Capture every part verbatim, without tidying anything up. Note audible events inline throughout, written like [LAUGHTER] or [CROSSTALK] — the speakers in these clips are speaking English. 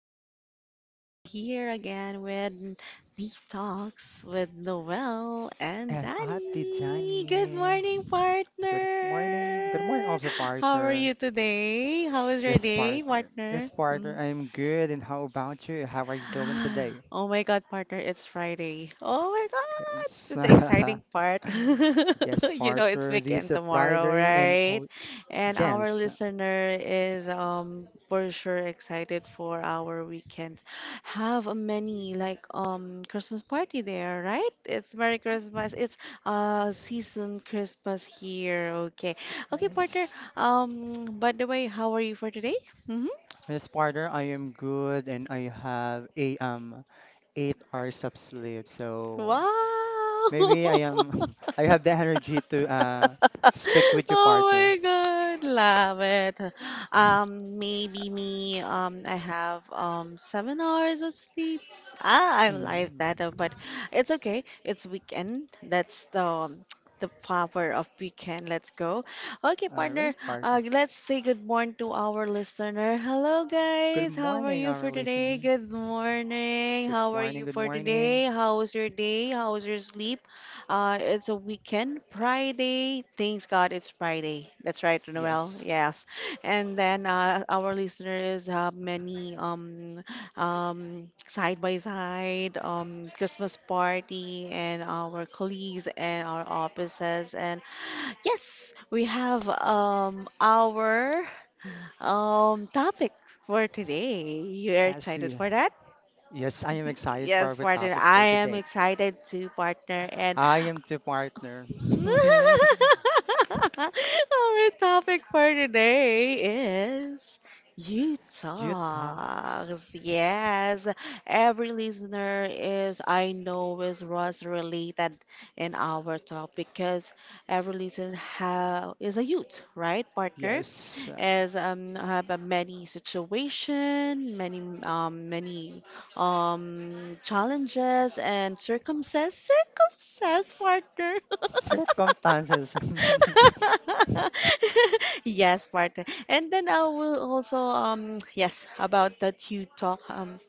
again. We are here again with the talks with Noel and And Ate Danny. Good Janie, morning, good morning. Good morning, partner. also How are partner. you today? How was your Yes, day, partner. Yes, partner? Hmm. partner. I'm good. And how about you? How are you doing [GASPS] today? Oh my God, partner, it's Friday. Oh my God, Yes. it's the exciting [LAUGHS] part. [LAUGHS] Yes, You know, it's partner. This weekend is tomorrow, Friday and right? all. And our Yes. listener is um for sure excited for our weekend. Have a many like um Christmas party there, right? It's Merry Christmas. It's uh season Christmas here. Okay. Okay, partner. Yes. Um, by the way, how are you for today? Mm-hmm. Yes, partner. I am good, and I have a um eight hours of sleep. So Wow! maybe I [LAUGHS] am. [LAUGHS] I have the energy to uh speak with your Oh partner. my God, love it. Um, maybe me. Um, I have um seven hours of sleep. Ah, I'm like Mhm. that, uh, but it's okay. It's weekend. That's the um, [TSK] the power of weekend. Let's go. Okay, All partner. right, partner. Uh, let's say good morning to our listener. Hello, Good guys. How are morning, you for our today? listener. Good morning. Good How are morning, you good for morning. today? How was your day? How was your sleep? Uh, it's a weekend, Friday. Thanks God, it's Friday. That's right, Noel. Yes, Yes. And then uh, our listeners have many um um side by side um Christmas party and our colleagues and our offices and yes, we have um our um topic for today. You're as excited we, for that? yes, I am excited for Yes, our partner. topic for I am today. excited to partner. And I am the partner. [LAUGHS] [LAUGHS] our topic for today is you You talks. talks. Yes, every listener is, I know, is was related in our talk because every listener ha is a youth, right, partner? Yes, uh, Is um have a many situation, many um many um challenges and circumstances, circumstance partner. [LAUGHS] circumstances. [LAUGHS] [LAUGHS] Yes, partner. And then I will also um [TSK] yes, about that you talk, um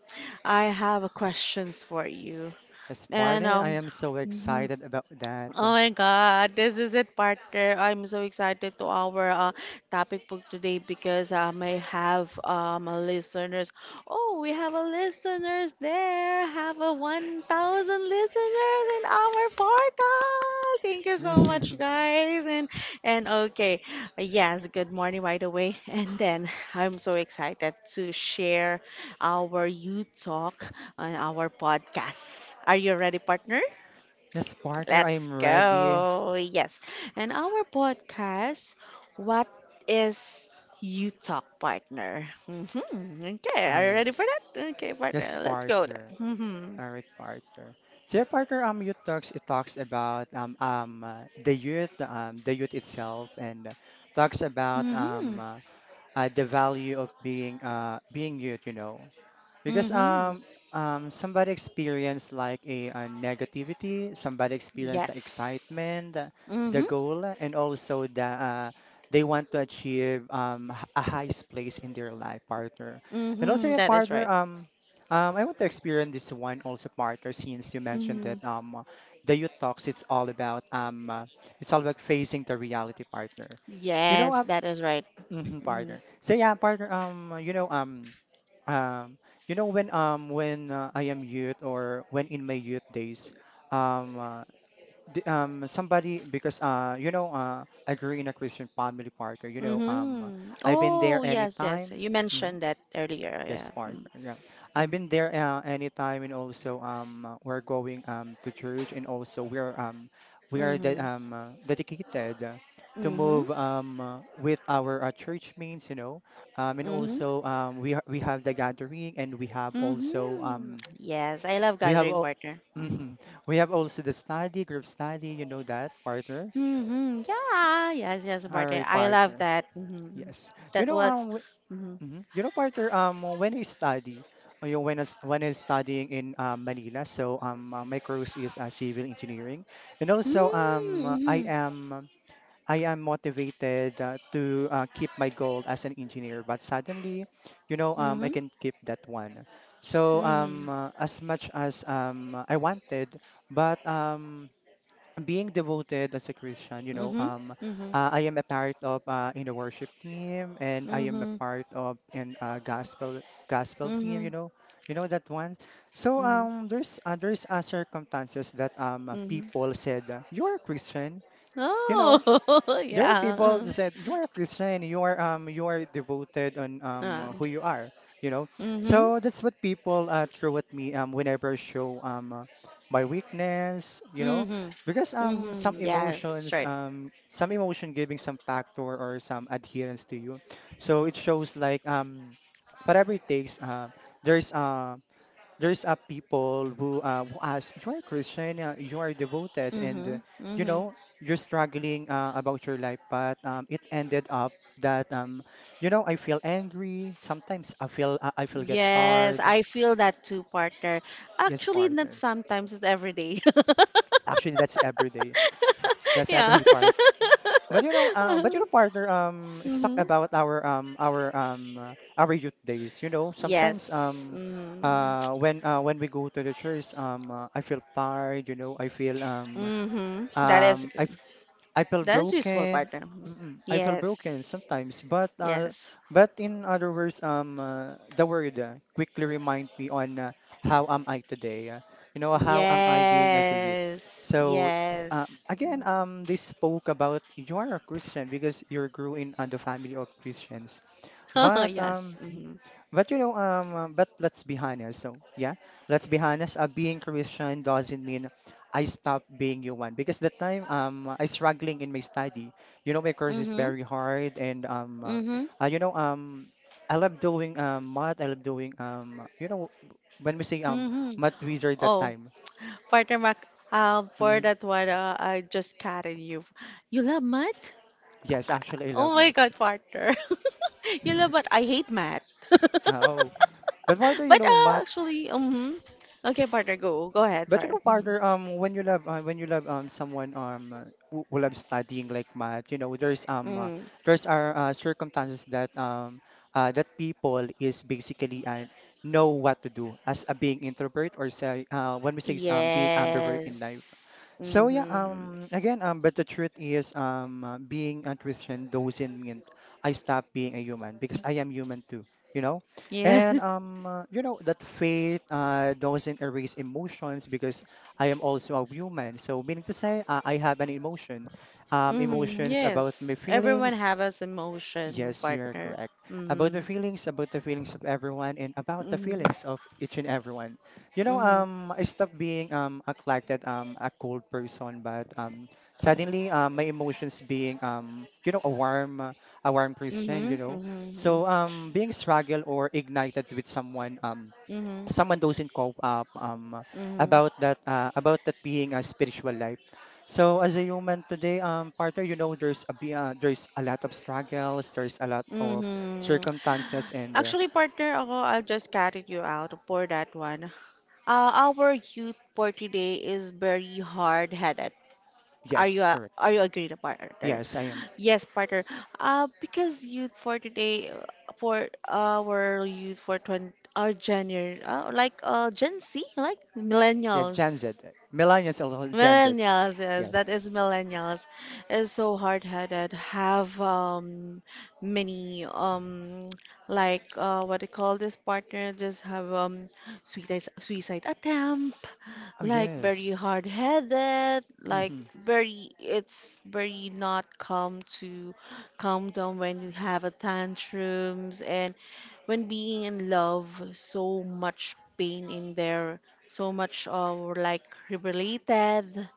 I have a questions for you. Yes, And partner, I um am so mhm. excited about that. Oh my God, this is it, partner. I'm so excited to our uh, topic for today because um, I may have um, a listeners. Oh, we have a listeners there. Have a one thousand listeners in our portal. Thank you so much, [LAUGHS] guys. And and okay, yes, good morning right away. [LAUGHS] And then I'm so excited to share our you talk on our podcast. Are you ready, partner? Yes, partner, I Let's am ready. go. Yes. And our podcast, what is You Talk Partner? Hmm. Okay. Are you I, ready for that? Okay, yes, partner. Let's go. partner. Mm-hmm. All right, partner. So yeah, partner, um, youth talks it talks about um um uh, the youth um the youth itself and uh, talks about um Hmm. uh, uh, the value of being uh being youth, you know. Hmm. Because Hmm. um um somebody experienced like a, uh negativity, somebody experienced the Yes. excitement, uh, Hmm. the Hmm. goal, and also the uh, they want to achieve um h- a highest place in their life partner. And also your That is partner right. um um I want to experience this one also partner since you mentioned Hmm. that um the youth talks it's all about um uh, it's all about facing the reality partner. You know Yes, uh, that is right. mhm, Hmm. partner. So yeah partner um you know um. Um, you know when um when uh, I am youth or when in my youth days, um, uh, the, um somebody because uh you know uh I grew in a Christian family partner. You know um Hmm. I've been there Oh, yes, yes. anytime. You Mm-hmm. mentioned that earlier. Yes, Yeah. partner. Yeah, I've been Mm-hmm. there uh, anytime, and also um, uh, we're going um to church, and also we're um we are de Mm-hmm. um uh, dedicated uh, to Mm-hmm. move um uh, with our uh, church means, you know, um and Mm-hmm. also um we ha we have the gathering, and we have also Mm-hmm. um Yes, I love we have gathering all partner. Mm-hmm. [LAUGHS] we have also the study group study, you know that partner, Mm-hmm. S- Yeah, yes, yes, partner. our I love partner. that. Mm-hmm. Yes, you That know was. um Mm-hmm. Mhm. You know, partner, um, when I study, uh, you know, when I, s- when I studying in um, Manila, so um, uh, my course is uh, civil engineering, and also um, uh, I Mm-hmm. am I am motivated uh, to uh, keep my goal as an engineer, but suddenly, you know, um, Mm-hmm. I can keep that one. So Mm-hmm. um, uh, as much as um, I wanted, but um, being devoted as a Christian, you know, Mm-hmm. um, Mm-hmm. uh, I am a part of uh, in the worship team, and I am a Mm-hmm. part of in uh, gospel gospel team. Mm-hmm. You know, you know that one. So um, there's uh, there's uh, circumstances that um uh, Mm-hmm. people said uh, you're a Christian. You know, Oh, [LAUGHS] there are people yeah. that said you are a Christian, you are um you are devoted on um Uh, uh, who you are, you know. mm-hmm. So that's what people uh, throw at me um whenever I show um uh, my weakness, you know, because Mm-hmm. um some Mm-hmm. Yeah, that's emotions right. um some emotion giving some factor or some adherence to you, so it shows like um whatever it takes um there's uh, there's a people who uh, who ask you are a Christian, uh, you are devoted, and Mm-hmm. uh, you Mm-hmm. know you're struggling uh, about your life, but um, it ended up that um, you know I feel angry. Sometimes I feel uh, I feel get Yes, tired. I feel that too, partner. Yes, Actually, not partner. sometimes, it's every day. [LAUGHS] Actually, that's every day. That's Yeah. every [LAUGHS] part. [LAUGHS] But you know, uh, but you know, partner. Um, it's talk Mhm. about our um our um uh, our youth days. You know, sometimes Yes. um. Mm. Uh, when uh, when we go to the church, um, uh, I feel tired, you know. I feel um, Hmm. That is um I good. f- I feel That is useful, broken. partner. Mm-mm, I feel broken Yes. sometimes, but uh, Yes. but in other words, um, uh, the word uh, quickly remind me on uh, how am I today? Uh, you know, how am I being as a youth? Yes. So y- um, Yes. again, um, they spoke about you are a Christian because you're grew in uh, the family of Christians. But [LAUGHS] Yes. um, mhm. Mm-hmm. but you know um, uh, but let's be honest. So yeah, let's be honest. Uh, being Christian doesn't mean I stop being human because that time um I struggling in my study. You know my course is Mm-hmm. very hard and um, uh, Mm-hmm. uh, you know um, I love doing um math. I love doing um, you know when we say um Mm-hmm. math wizard that Oh. time. Partner Mac, um, for Mhm. that one, uh, I just carried you. You love math? Yes, Uh, actually I Oh love my math. God, partner. [LAUGHS] You love math? [LAUGHS] I hate math. [LAUGHS] Oh, but why do you But know uh, math? actually, um, okay, partner, go, go ahead. But you Sorry. know, Mhm. partner, um, when you love uh, when you love um someone um uh, who who loves studying like math, you know, there's um uh, Mm. there's are uh, circumstances that um uh, that people is basically uh, know what to do as a being introvert or say uh, when we say um being ambivert in Yes. life. So yeah, Mm-hmm. um, again, um, but the truth is, um, uh, being a Christian doesn't mean I stop being a human because I am human too, you know. Yeah. And [LAUGHS] um, uh, you know that faith uh, doesn't erase emotions because I am also a human. So meaning to say, uh, I have an emotion, um, Mm-hmm. emotions about my Yes. Everyone feelings, have us emotion, Yes, you're partner. correct. About the Mm-hmm. feelings, about the feelings of everyone, and about the Mm-hmm. feelings of each and everyone. You know, Mm-hmm. um, I stopped being um a collected um a cold person, but um suddenly um my emotions being um you know a warm uh, a warm Christian, you Mhm. know. Mhm. So um being struggled or ignited with someone um Mhm. someone doesn't cope up um, Mhm. about that uh, about that being a spiritual life. So as a human today, um, partner, you know there's a be- uh, there's a lot of struggles, there's a lot of Mhm. circumstances, and uh, Actually, partner, ako, I'll just carry you out for that one. Uh, our youth for today is very hard-headed. Are you yes, uh, correct. are you agreed, partner? Yes, I am. Yes, partner. Uh, because youth for today, uh, for our youth for twenty, our Gen, uh, like uh, Gen Z, like Yeah, Gen Z, millennials. millennials alone, Gen Z. Millennials, yes, Yes. that is millennials, is so hard-headed, have um many um [TSK] like uh what they call this partner, just have um suicide suicide attempt, Oh like very yes. hard-headed, like Mm-hmm. very it's very not calm to calm down when you have a tantrums and when being in love, so much pain in there, so much uh like related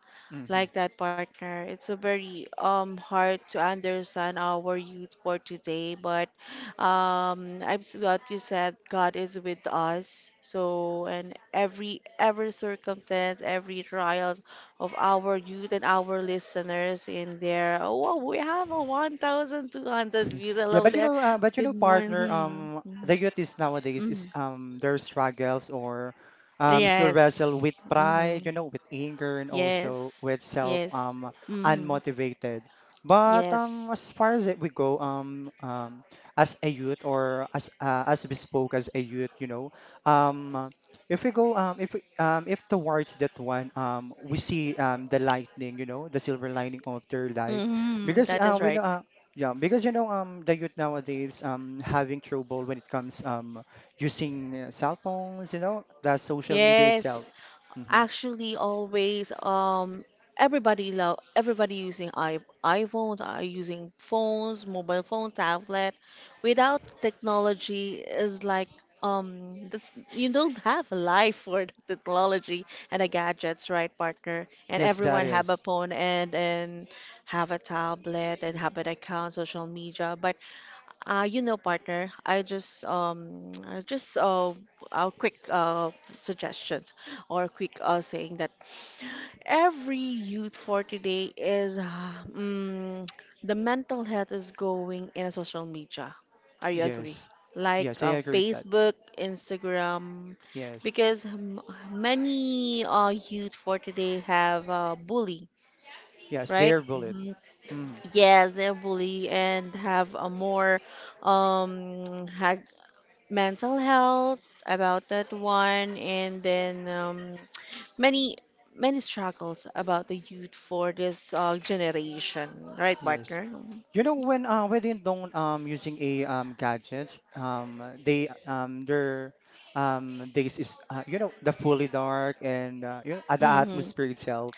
like that partner. It's a very um hard to understand our youth for today, but um i'm s- what you said, god is with us, so and every every circumstance, every trials of our youth and our listeners in there. Oh wow, we have a one thousand two hundred views. [LAUGHS] Yeah, Hello but you there, know, uh, but you good know, partner, morning. um, Mhm. the youth is nowadays Mhm. is um their struggles or um still wrestle with Yes. pride, Hmm. you know, with anger and also Yes. with self Yes. Um hmm. unmotivated. But Yes. um, as far as it we go, um, um, as a youth or as uh, as we spoke as a youth, you know, um, if we go um if we, um if towards that one um we see um the lightning, you know, the silver lining of their life Mm-hmm, because that uh, is we know. right. Uh. Yeah, because you know, um, the youth nowadays um having trouble when it comes um using uh, cell phones, you know, the social media Yes, itself. Hmm actually, always. Um, everybody love everybody using I iPhones are using phones, mobile phone, tablet. Without technology is like um, that's, you don't have a life for the technology and the gadgets, right, partner? And Yes, that everyone have a is. phone and and have a tablet and have an account, social media, but Uh, you know, partner, I just um [TSK] I just uh, uh quick uh suggestions or quick uh saying that every youth for today is [SIGHS] uh, um, [TSK] the mental health is going in a social media. Are you agree? Yes, Like yes, uh, I agree with that. Facebook, Instagram, Yes, because m- many uh youth for today have uh, bully, yes, they right? are bullied. Mhm. Mm, Yes, they're bully and have a more um, [TSK] ha mental health about that one, and then um, many many struggles about the youth for this uh, generation, right yes. partner? You know when uh when they don't um using a um gadgets um uh, they um their um days is uh, you know the fully dark and uh, you know uh, the Mm-hmm. atmosphere itself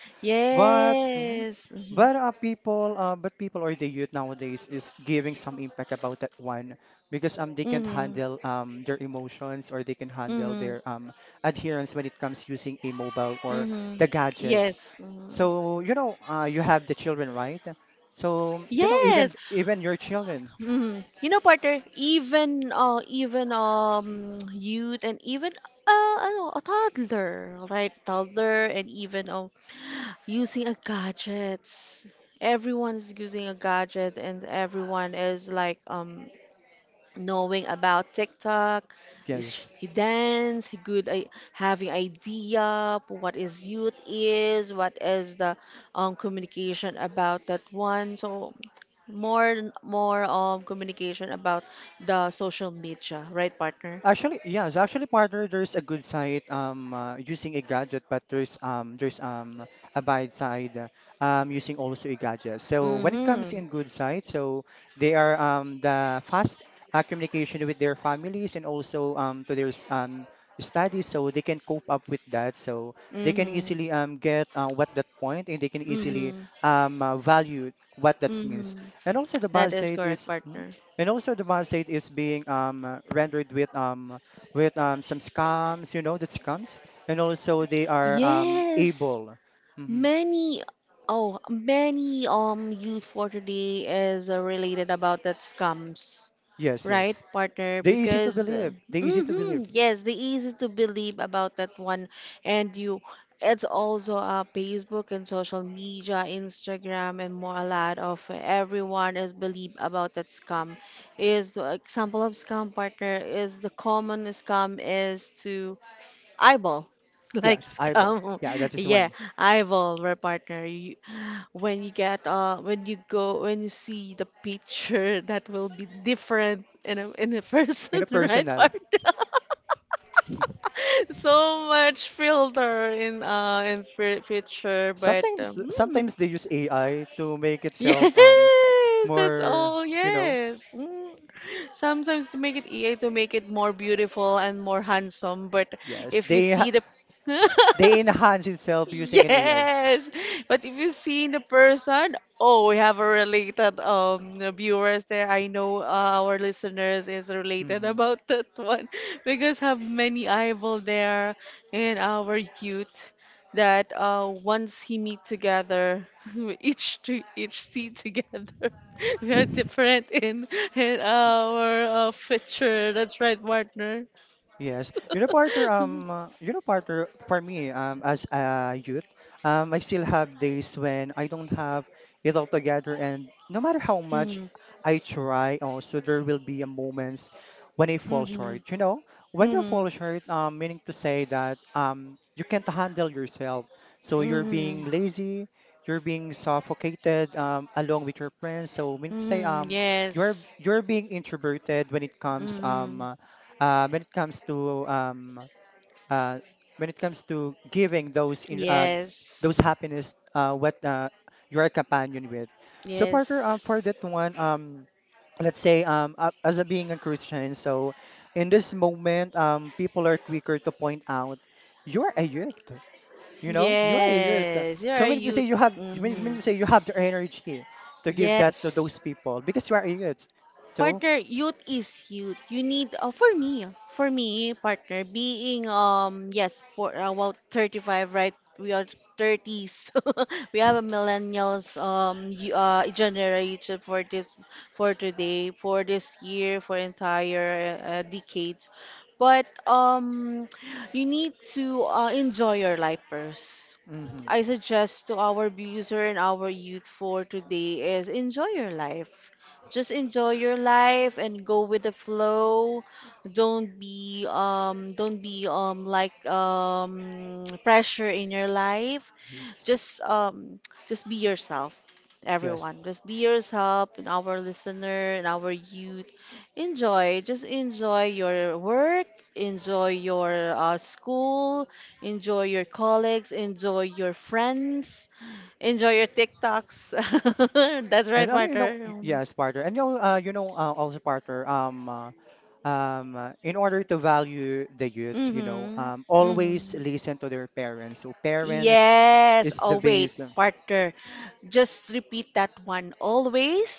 But mhm. Yes. Mm-hmm. but uh, people uh, but people or the youth nowadays is giving some impact about that one because um they can't Mm-hmm. handle um their emotions or they can handle Mm-hmm. their um adherence when it comes using a mobile or Mm-hmm. the gadgets. Yes. Mhm. So you know uh, you have the children right? So you know even Yes. even your children Mm. You know, partner, even uh, even um [TSK] youth and even uh ano, a toddler, right? Toddler and even um using a gadgets. Everyone is using a gadget and everyone is like um knowing about TikTok. is- yes He dance, he good at having idea of what is youth is, what is the um communication about that one. So more more um communication about the social media, right, partner? Actually, yeah, so actually, partner, there's a good side um uh, using a gadget, but there's um there's um a bad side uh, um using also a gadget. So when it comes Mm-hmm. in good side, so they are um the fast uh, communication with their families and also um to their s- um studies, so they can cope up with that. So they can Mm-hmm. easily um get uh, what that point, and they can easily Mm-hmm. um uh, value what that means. Mm-hmm. And also the That bad is side correct, is. Hmm? partner. And also the website is being um uh, rendered with um with um some scams, you know, that scams. And also they are um Yes. able. Hmm Many, oh, many um youth for today is uh, related about that scams, Yes, right, yes. partner? They easy to Because believe. They easy to mm-hmm, believe. yes, the easy to believe about that one, and you, it's also uh, Facebook and social media, Instagram, and more a lot of everyone is believe about that scam. Is uh, example of scam partner is the common scam is to eyeball [LAUGHS] like Yes, eyeball. scam Yeah, that is yeah one. eyeball where partner you, when you get uh when you go when you see the picture [LAUGHS] that will be different in a in a In person a [LAUGHS] right personal. partner? [LAUGHS] So much filter in uh in fi- picture, but Sometimes um, hmm, sometimes they use A I to make [LAUGHS] itself um yes, that's more, all. you know, Yes. Mm. Sometimes to make it EA to make it more beautiful and more handsome, but yes. if you They ha- see the they [LAUGHS] enhance itself using an A I. yes. But if you see the person, oh, we have a related um viewers there. I know uh, our listeners is related about that one. [LAUGHS] Because have many eyeball there in our youth that uh, once he meet together, [LAUGHS] each to each see together, [LAUGHS] we are different in in our uh, future. That's right, partner. [LAUGHS] Yes, you know, partner. Um, uh, you know, partner. For me, um, as a youth, um, I still have days when I don't have it all together, and no matter how much Mhm, I try, also there will be a moments when I fall mhm, short. You know, when you mhm, fall short, um, meaning to say that um, you can't handle yourself, so you're mhm, being lazy, you're being suffocated, um, along with your friends. So meaning to say, mhm, [LAUGHS] um, you're yes. you're being introverted when it comes, Mhm. um uh, when it comes to um, uh, when it comes to giving those in, uh, those Yes. happiness uh, what uh, you're a companion with. So partner, Yes. uh, for that one, um, let's say um, uh, as a being a Christian, so in this moment, um, people are quicker to point out you're a youth. You know, you're a youth. Yes. You're So a many to say youth. you have many Hmm. many to say you have the energy to give that to Yes. those people because you are a youth. So, Partner, youth is youth. You need uh, for me, for me partner, being um yes, for about thirty-five, right? We are thirties. [LAUGHS] We have a millennials um y- uh generation for this for today, for this year, for entire uh, uh, decades. But um you need to uh, enjoy your life first. mhm, I suggest to our user and our youth for today is enjoy your life. Just enjoy your life and go with the flow. Don't be um don't be um like um [TSK] pressure in your life, yes, just um just be yourself. yes. Everyone just be yourself, and our listener and our youth, enjoy, just enjoy your work, enjoy your uh, school, enjoy your colleagues, enjoy your friends, enjoy your tiktoks. [LAUGHS] That's And right uh, you know, partner. y- Um, yes, partner. And you know, uh, you know, uh, also partner. Um, uh, um, uh, in order to value the youth, you know, mhm, um, mhm, always listen to their parents. So parents yes, is the oh wait base. partner, just repeat that one always.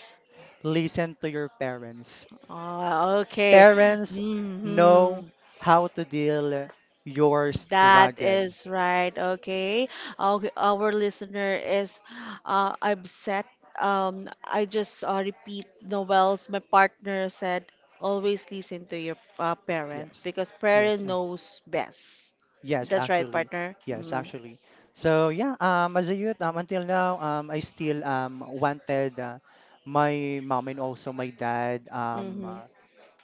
Listen to your parents. Oh, okay. Parents know Hmm. how to deal your That struggle. is right. Okay. Okay. Our listener is uh, upset. Um, I just uh, repeat Noel's, my partner said, always listen to your uh, parents, Yes, because parent yes. knows best. Yes, That's right, actually. partner. Yes, Mm. actually. So yeah, um, as a youth, um, until now, um, I still um wanted uh, my mom and also my dad um Mm-hmm.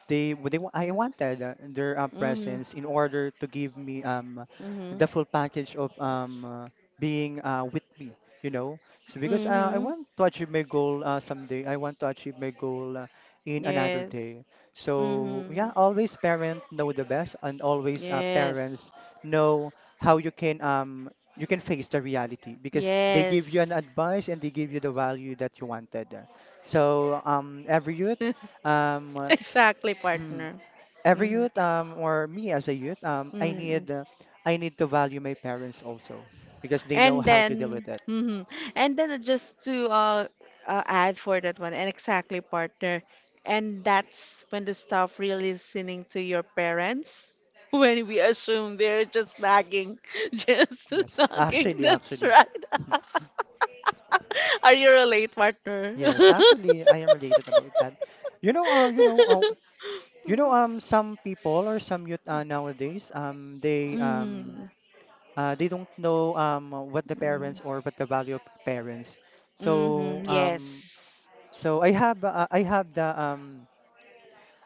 they w- they wa- I wanted uh, their uh, Mm-hmm. presence in order to give me um Mm-hmm. the full package of um uh, being uh, with me, you know. So because uh, I Mm-hmm. want to achieve my goal uh, someday. I want to achieve my goal uh, in another day. Yes. So Mm-hmm. yeah, always parent know the best, and always uh, Yes. parents know how you can um you can face the reality, because they give you an Yes. advice and they give you the value that you wanted. So um every youth um [LAUGHS] uh, Exactly, mm, partner. every Hmm. youth um or me as a youth, um I Hmm. need uh, I need to value my parents also, because they know And how to deal then, with it. hmm, and then just to uh, uh, add for that one, and exactly, partner. And that's when the staff really listening to your parents. [LAUGHS] When we assume they're just nagging, [LAUGHS] just [LAUGHS] Yes, nagging. actually, That's actually, right. [LAUGHS] Are you a late partner? yes, [LAUGHS] actually, I am related about that. You know, uh, you know, uh, you know, um, some people or some youth uh, nowadays, um, they um, Mhm. uh, they don't know um what the Mm. parents or what the value of parents. Hmm. So um, Yes. so I have uh, I have the um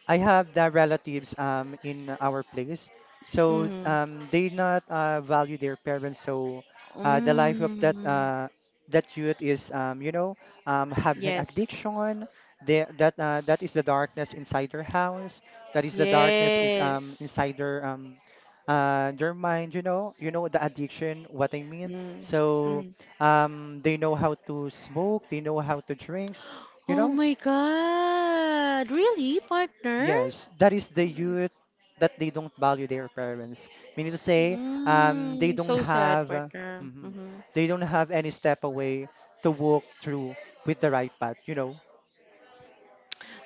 I have the relatives um in our place, so Mm-hmm. um they not uh, value their parents. So uh, the life of that Mm. uh, that youth is, um you know, um have an Yes. addiction. They, that uh, that is the darkness inside their house. That is the darkness in, um Yes. inside their um uh their mind. You know, you know the addiction. What I mean. Mm. So Mm. um they know how to smoke. They know how to drinks. You Oh know. my God. Really, partner? Yes, that is the youth that they don't value their parents. Meaning to say, um, they Mm. don't So sad, have, uh, partner. mhm, Hmm. they don't have any step away to walk through with the right path. You know,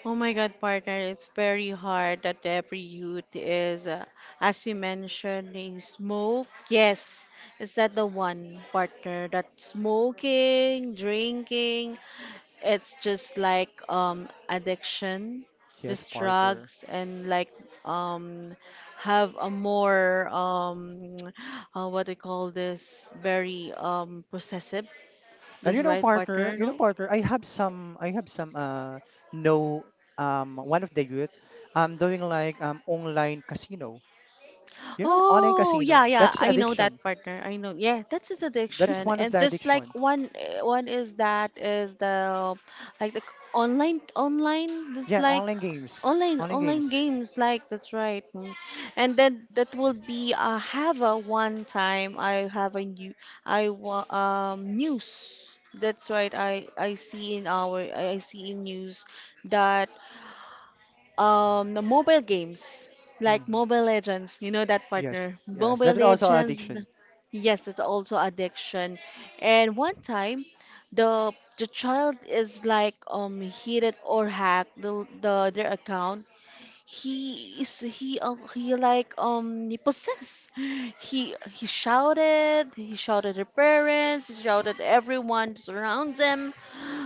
Oh my God, partner. It's very hard that every youth is, uh, as you mentioned, is smoke. Yes. Is that the one, partner? That smoking, drinking, it's just like um addiction, yes, just partner. drugs and like um have a more um [TSK] uh, what do you call this, very um possessive, And you this know, right partner, partner, you know, no? partner. I have some, I have some, uh, know, um, one of the youth, um, doing like um online casino. You know, online Oh, casino. yeah, yeah. That's I know addiction. that partner. I know. Yeah, that's his That is addiction. one of And the just like addiction. one eh, one is that is the like the c- online online this Yeah, like online games, online online online games. games like that's right. Mm. And then that will be uh have a one time I have a new I wa um news. That's right. I I see in our I I see in news that um, the mobile games like Mm-hmm. Mobile Legends, you know that Yes, partner. yes, Mobile that is also Legends, addiction. yes, it's also addiction. And one time, the the child is like um hit it or hacked the, the their account he is he uh, he like um he possessed he he shouted he shouted at parents he shouted at everyone around them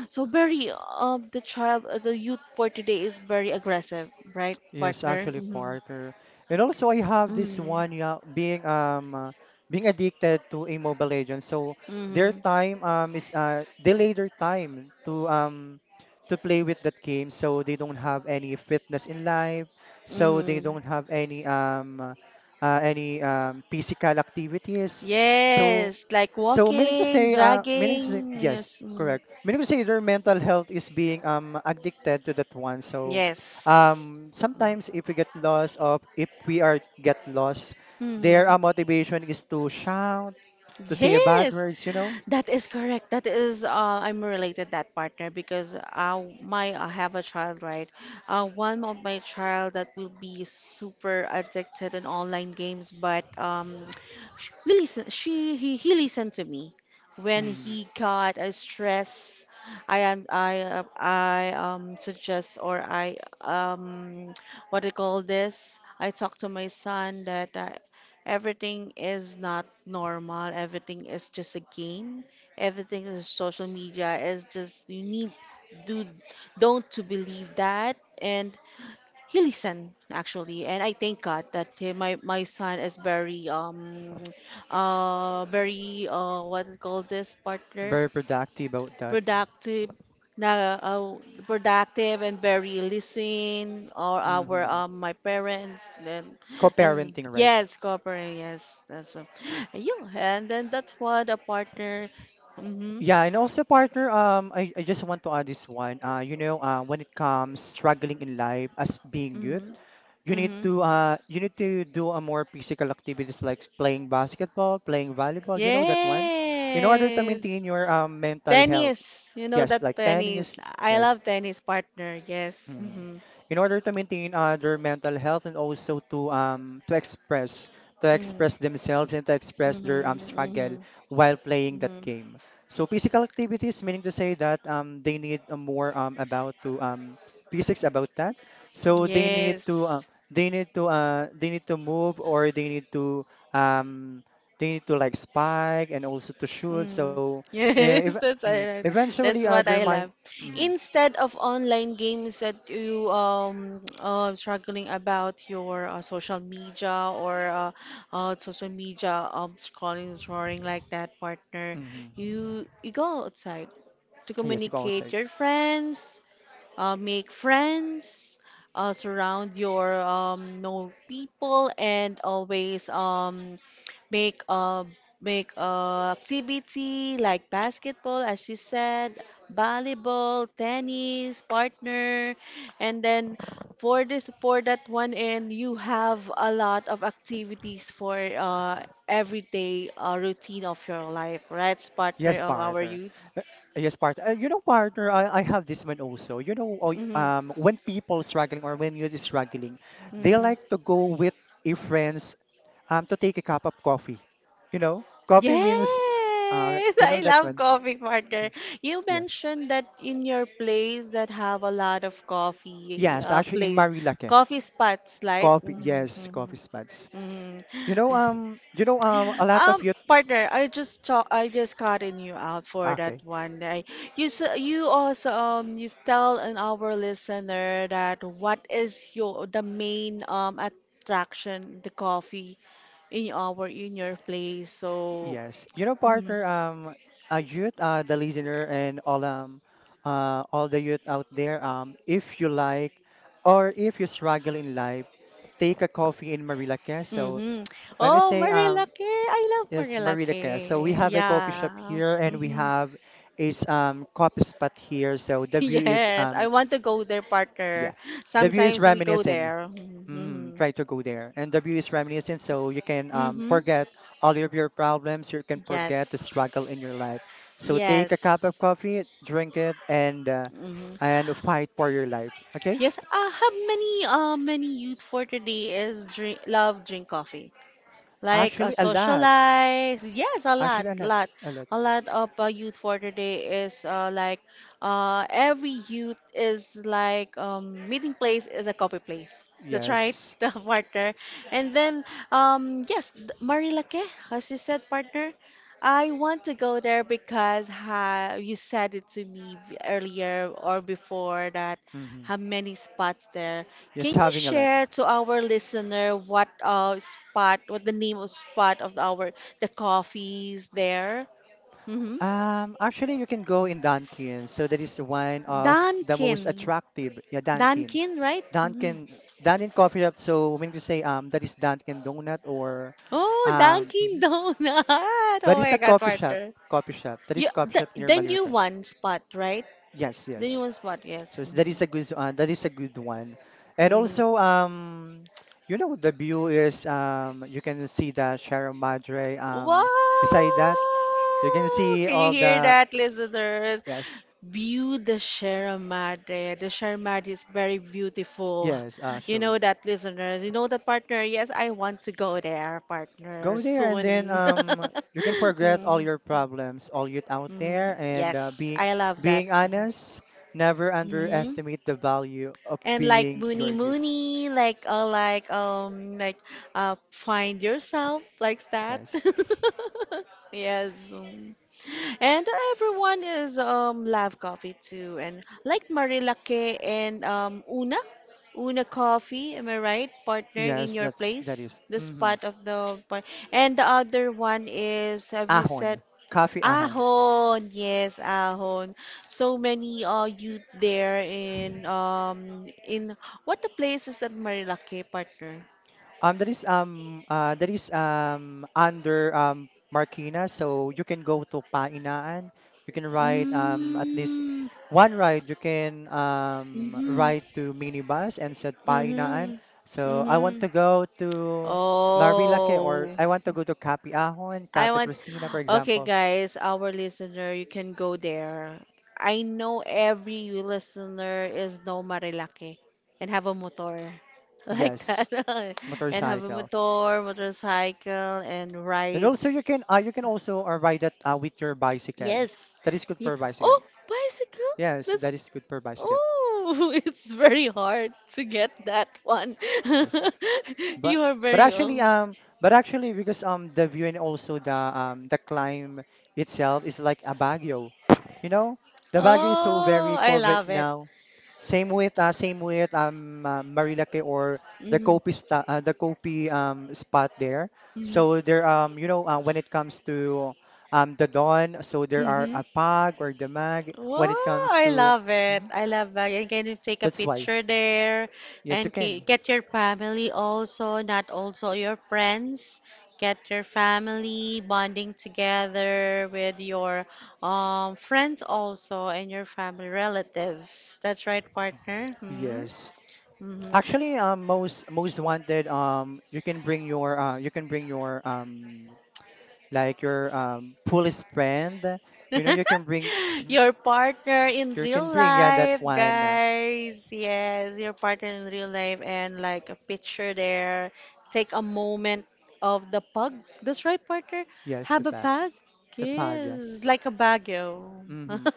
so very um the child, uh, the youth for today is very aggressive, right Yes, partner? actually, Mm-hmm. partner. And also, I have this Mm-hmm. one, yeah, being um uh, being addicted to a Mobile Legends. So their Mm-hmm. time um is uh delay their time to um to play with that game. So they don't have any fitness in life. So they Mm-hmm. don't have any um uh, uh, any um physical activities. So Yes, like so meaning to walking, say, uh, meaning to jogging. say, yes, Yes. Mm. correct. Meaning to say, their mental health is being um addicted to that one. So, Yes. um, sometimes if we get lost, of if we are get lost, their Mm-hmm. uh, motivation is to shout, to say bad Yes, words. You know, that is correct. That is, uh, I'm related that partner because uh, my I have a child, right? Uh, one of my child that will be super addicted in online games, but um, [TSK] sh- we listen. She he he listened to me when mm, he got a stress. I un- I uh, I um suggest or I um [TSK] what do you call this? I talk to my son that uh, everything is not normal. Everything is just a game. Everything is social media is just you need do don't to believe that and he listened, actually, and I thank God that he, my my son is very um uh very uh what do you call this partner, very productive about that. productive, na uh, productive and very listening or our Mm-hmm. um my parents. and and Co-parenting, right? yes, cooperate, yes, that's a, you and then that's what a partner. Mm-hmm, Yeah, and also partner, um, I, I just want to add this one. Uh, you know, uh, when it comes struggling in life as being youth, mm-hmm, you need mm-hmm. to uh you need to do a more physical activities like playing basketball, playing volleyball, you know that one, in order to Yes, maintain your um mental health. tennis, you know Yes, that like tennis. tennis. I Yes, love tennis partner. Yes, mm. mm-hmm, In order to maintain uh, their mental health, and also to um to express to mm-hmm, express themselves and to express their mm-hmm, um struggle mm-hmm. while playing that Mm-hmm. game. So physical activities, meaning to say that um they need a more um about to um physics about that. So they need to uh, Yes. they need to uh they need to move, or they need to um they need to like spike and also to shoot. Mm. So uh, if Yes, [LAUGHS] that's mm, I, that's eventually uh, what their I mind. love. Hmm, Instead of online games that you um [TSK] uh, struggling about your uh, social media or uh, uh social media um scrolling, scrolling like that partner, hmm. you you go outside to Yes, you go communicate outside. your friends, uh, make friends, uh, surround your um, known people, and always um, make uh, make uh, activity like basketball, as you said, volleyball, tennis, partner, and then for this for that one end, you have a lot of activities for uh, everyday uh, routine of your life, right? Partner Yes, of our partner. youth. Uh, Yes, partner. Uh, you know, partner, I, I have this one also. You know, oh, Hmm. um, when people struggling or when you're struggling, they Mhm. like to go with a friends um to take a cup of coffee. You know, coffee means uh, Yes, you [LAUGHS] I know that love one. coffee Mm, partner. You yeah. mentioned that in your place that have a lot of coffee, Yes, uh, actually in place, Marilake. coffee spots, right? Coffee. Yes, coffee Mm-hmm. spots. You know, Mm-hmm. um, you know, um, a lot of Um, you. partner, I just cho- I just cutting you out for that Okay. one day. You s- you also um you tell an our listener, that what is your the main um attraction the coffee in our in your place. So Yes, you know, partner, um, uh, youth, uh, the listener, and all um, uh, all the youth out there, um, if you like, or if you struggle in life, take a coffee in Marilaque. So mm-hmm. when we Oh, say um, Marilake, I love yes, Marilaque, so we Marilake. have a coffee shop Yeah. here, and we Mm-hmm. [LAUGHS] have is um coffee spot here. So the view is Yes, um I want to go there, partner. yeah, the view is Sometimes we go reminiscent. there. Mm, Mm-hmm. try to go there. And the view is reminiscent, so you can um, Mm-hmm. forget all of your problems. You can forget the struggle in Yes. your life. So take a cup of Yes. coffee, drink it, and uh, Hmm. and fight for your life. Okay? Yes. Uh, how many uh many youth for today is drink love drink coffee. Like uh, Actually, a lot. socialize. Yes, a lot, Actually, a lot. lot, A lot. a lot of uh, youth for today is uh, like uh, every youth is like um, meeting place is a coffee place. That's right, Yes. [LAUGHS] the partner. And then um, yes, th- Marilake, as you said, partner. I want to go there because ha you said it to me b- earlier or before that Mm-hmm. how many spots there. Yes, Can you having a lot. share to our listener what uh spot, what the name of spot of our the coffees there? Mm-hmm. Um, actually, you can go in Dunkin. So that is one of the most Dunkin. attractive. Yeah, Dunkin. Dunkin, right? Mhm. Dunkin' Dunkin' coffee shop. So when we can say um that is Dunkin' Donut or Oh, um Dunkin mhm. Donut. [LAUGHS] But Oh it's my a God, coffee shop, partner. coffee shop. That You, is coffee the, shop near the new Malirica. one spot, right? Yes, The new yes. one spot, yes. So that Hmm. is a good uh, that is a good one. And also um [TSK] you know the view is, um you can see the Sierra Madre um Wow! beside that you can see Can you all hear the, that, listeners? yes, View the Sierra Madre. The Sierra Madre is very beautiful. yes You know actually. that, listeners. You know that, partner. Yes, I want to go there, partner, Go there, and then soon. um [LAUGHS] you can forget all Mm, your problems, all youth out mm, there, and uh, yes, being I love that. being honest, never Mhm, underestimate the value of and like being your Moony youth. Moony, like uh, like um like uh find yourself like that. Yes. [LAUGHS] Yes. Um, and everyone is um love coffee too and like Marilake and um Una Una Coffee, am I right? Partner in Yes, your that's that place. is. The Mhm. spot of the part and the other one is have you said Ahon. Coffee ahon. Ahon, yes, Ahon. So many uh youth there in um in what the place is that Marilake partner? Um, that is um uh that is um under um Marquina, so you can go to Painaan. You can ride um at least Mm. one ride. You can um Mm-hmm. ride to minibus and said Painaan. Mm-hmm. So I want Mm-hmm. to go to Marilake, or Oh. I want to go to Capiahon, I Capi want, Cristina, for okay, example. guys, our listener, you can go there. I know every listener is no Marilaki and have a motor [LAUGHS] like that, Yes, [LAUGHS] and have a motorcycle. motor, motorcycle, and And also rides. you can uh, you can also uh, ride that uh, with your bicycle. Yes, That is good yeah. for bicycle. Oh, bicycle. Yes, That's that is good for bicycle. oh, [LAUGHS] it's very hard to get that one. Yes. [LAUGHS] You But are but very actually old. um but actually because um the view and also the um the climb itself is like a Baguio. You know, the Baguio is so Oh, very I cold right love it. now. Same with uh, same with um uh, Marilake or the Mhm. Kopi sta- uh, the Kopi um spot there. Mhm. So there, um you know, uh, when it comes to um the dawn, so there are Mhm. a pag or the mag when it Oh, comes I to love it. mhm, I love that. And can you take a that's why. picture there Yes, you and ke- can. get your family also, not also your friends. Get your family bonding together with your um, friends also and your family relatives. That's right, partner. Yes. Hmm. Actually, um, most most wanted. Um, you can bring your uh, you can bring your um, like your um, police friend. You know, you can bring, [LAUGHS] mhm, Your partner in you real can bring, yeah, that life, one. uh, guys. Yes, your partner in real life and like a picture there. Take a moment of the pug. That's right, partner. Yes, Have the a bag, pug. the bag. Yeah. Yes, like a Baguio. [LAUGHS] Hmm.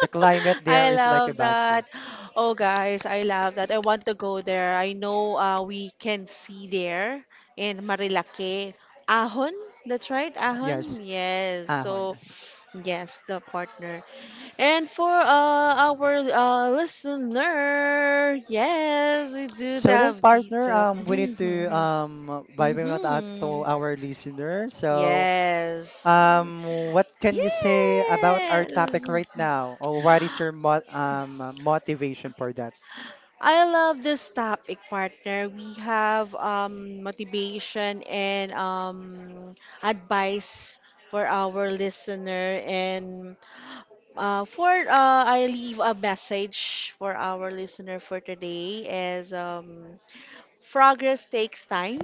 The climate there I is like a love Baguio. that. Oh, guys, I love that. I want to go there. I know uh, we can see there in Marilake. Ahon, that's right, Ahon. Yes, Yes. ahon. So yes, the partner. And for uh, our uh, listener, yes, we do So then, the deep partner, talk. [LAUGHS] um, we need to um, Mhm, mhm, vibe out out to mhm. our listener. [LAUGHS] So, Yes. Mm, Um, what can you say about our topic yes. right now? Or what is your mo um, uh, motivation for that? I love this topic, partner. We have um, motivation and um, advice for our listener and Uh, for uh, I leave a message for our listener for today is um, progress takes time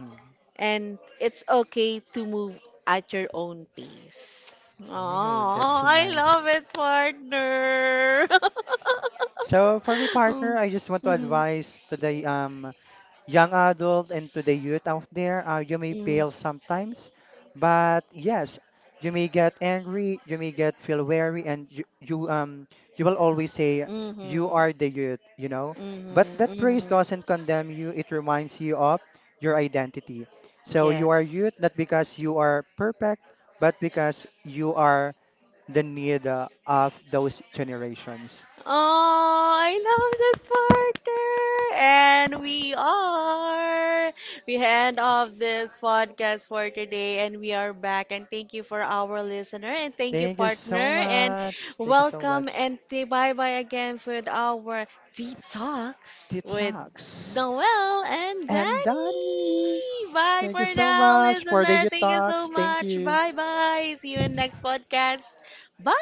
Mm. and it's okay to move at your own pace. Oh, Oh, that's I love nice. it, partner. [LAUGHS] S- So for my partner, Mm, I just want to mhm, advise to the um young adult and to the youth out there, uh, you may fail sometimes, but yes, you may get angry, you may get feel weary, and you, you um you will always say mm, you mhm, are the youth, you know. mhm, But that praise mhm. doesn't condemn you; it reminds you of your identity. So you Yes. are youth not because you are perfect, but because you are the need uh, of those generations. Oh, I love that partner. And we are. We hand off this podcast for today and we are back. And thank you for our listener and thank you, Thank you partner. so And much. Thank you so welcome much. and bye bye again with our deep talks It with sucks. Noel and And Danny. Danny. Bye Thank you for so now, much for the listener. you Thank you so talks. Thank much. you. Bye bye. See you in next podcast. Bye.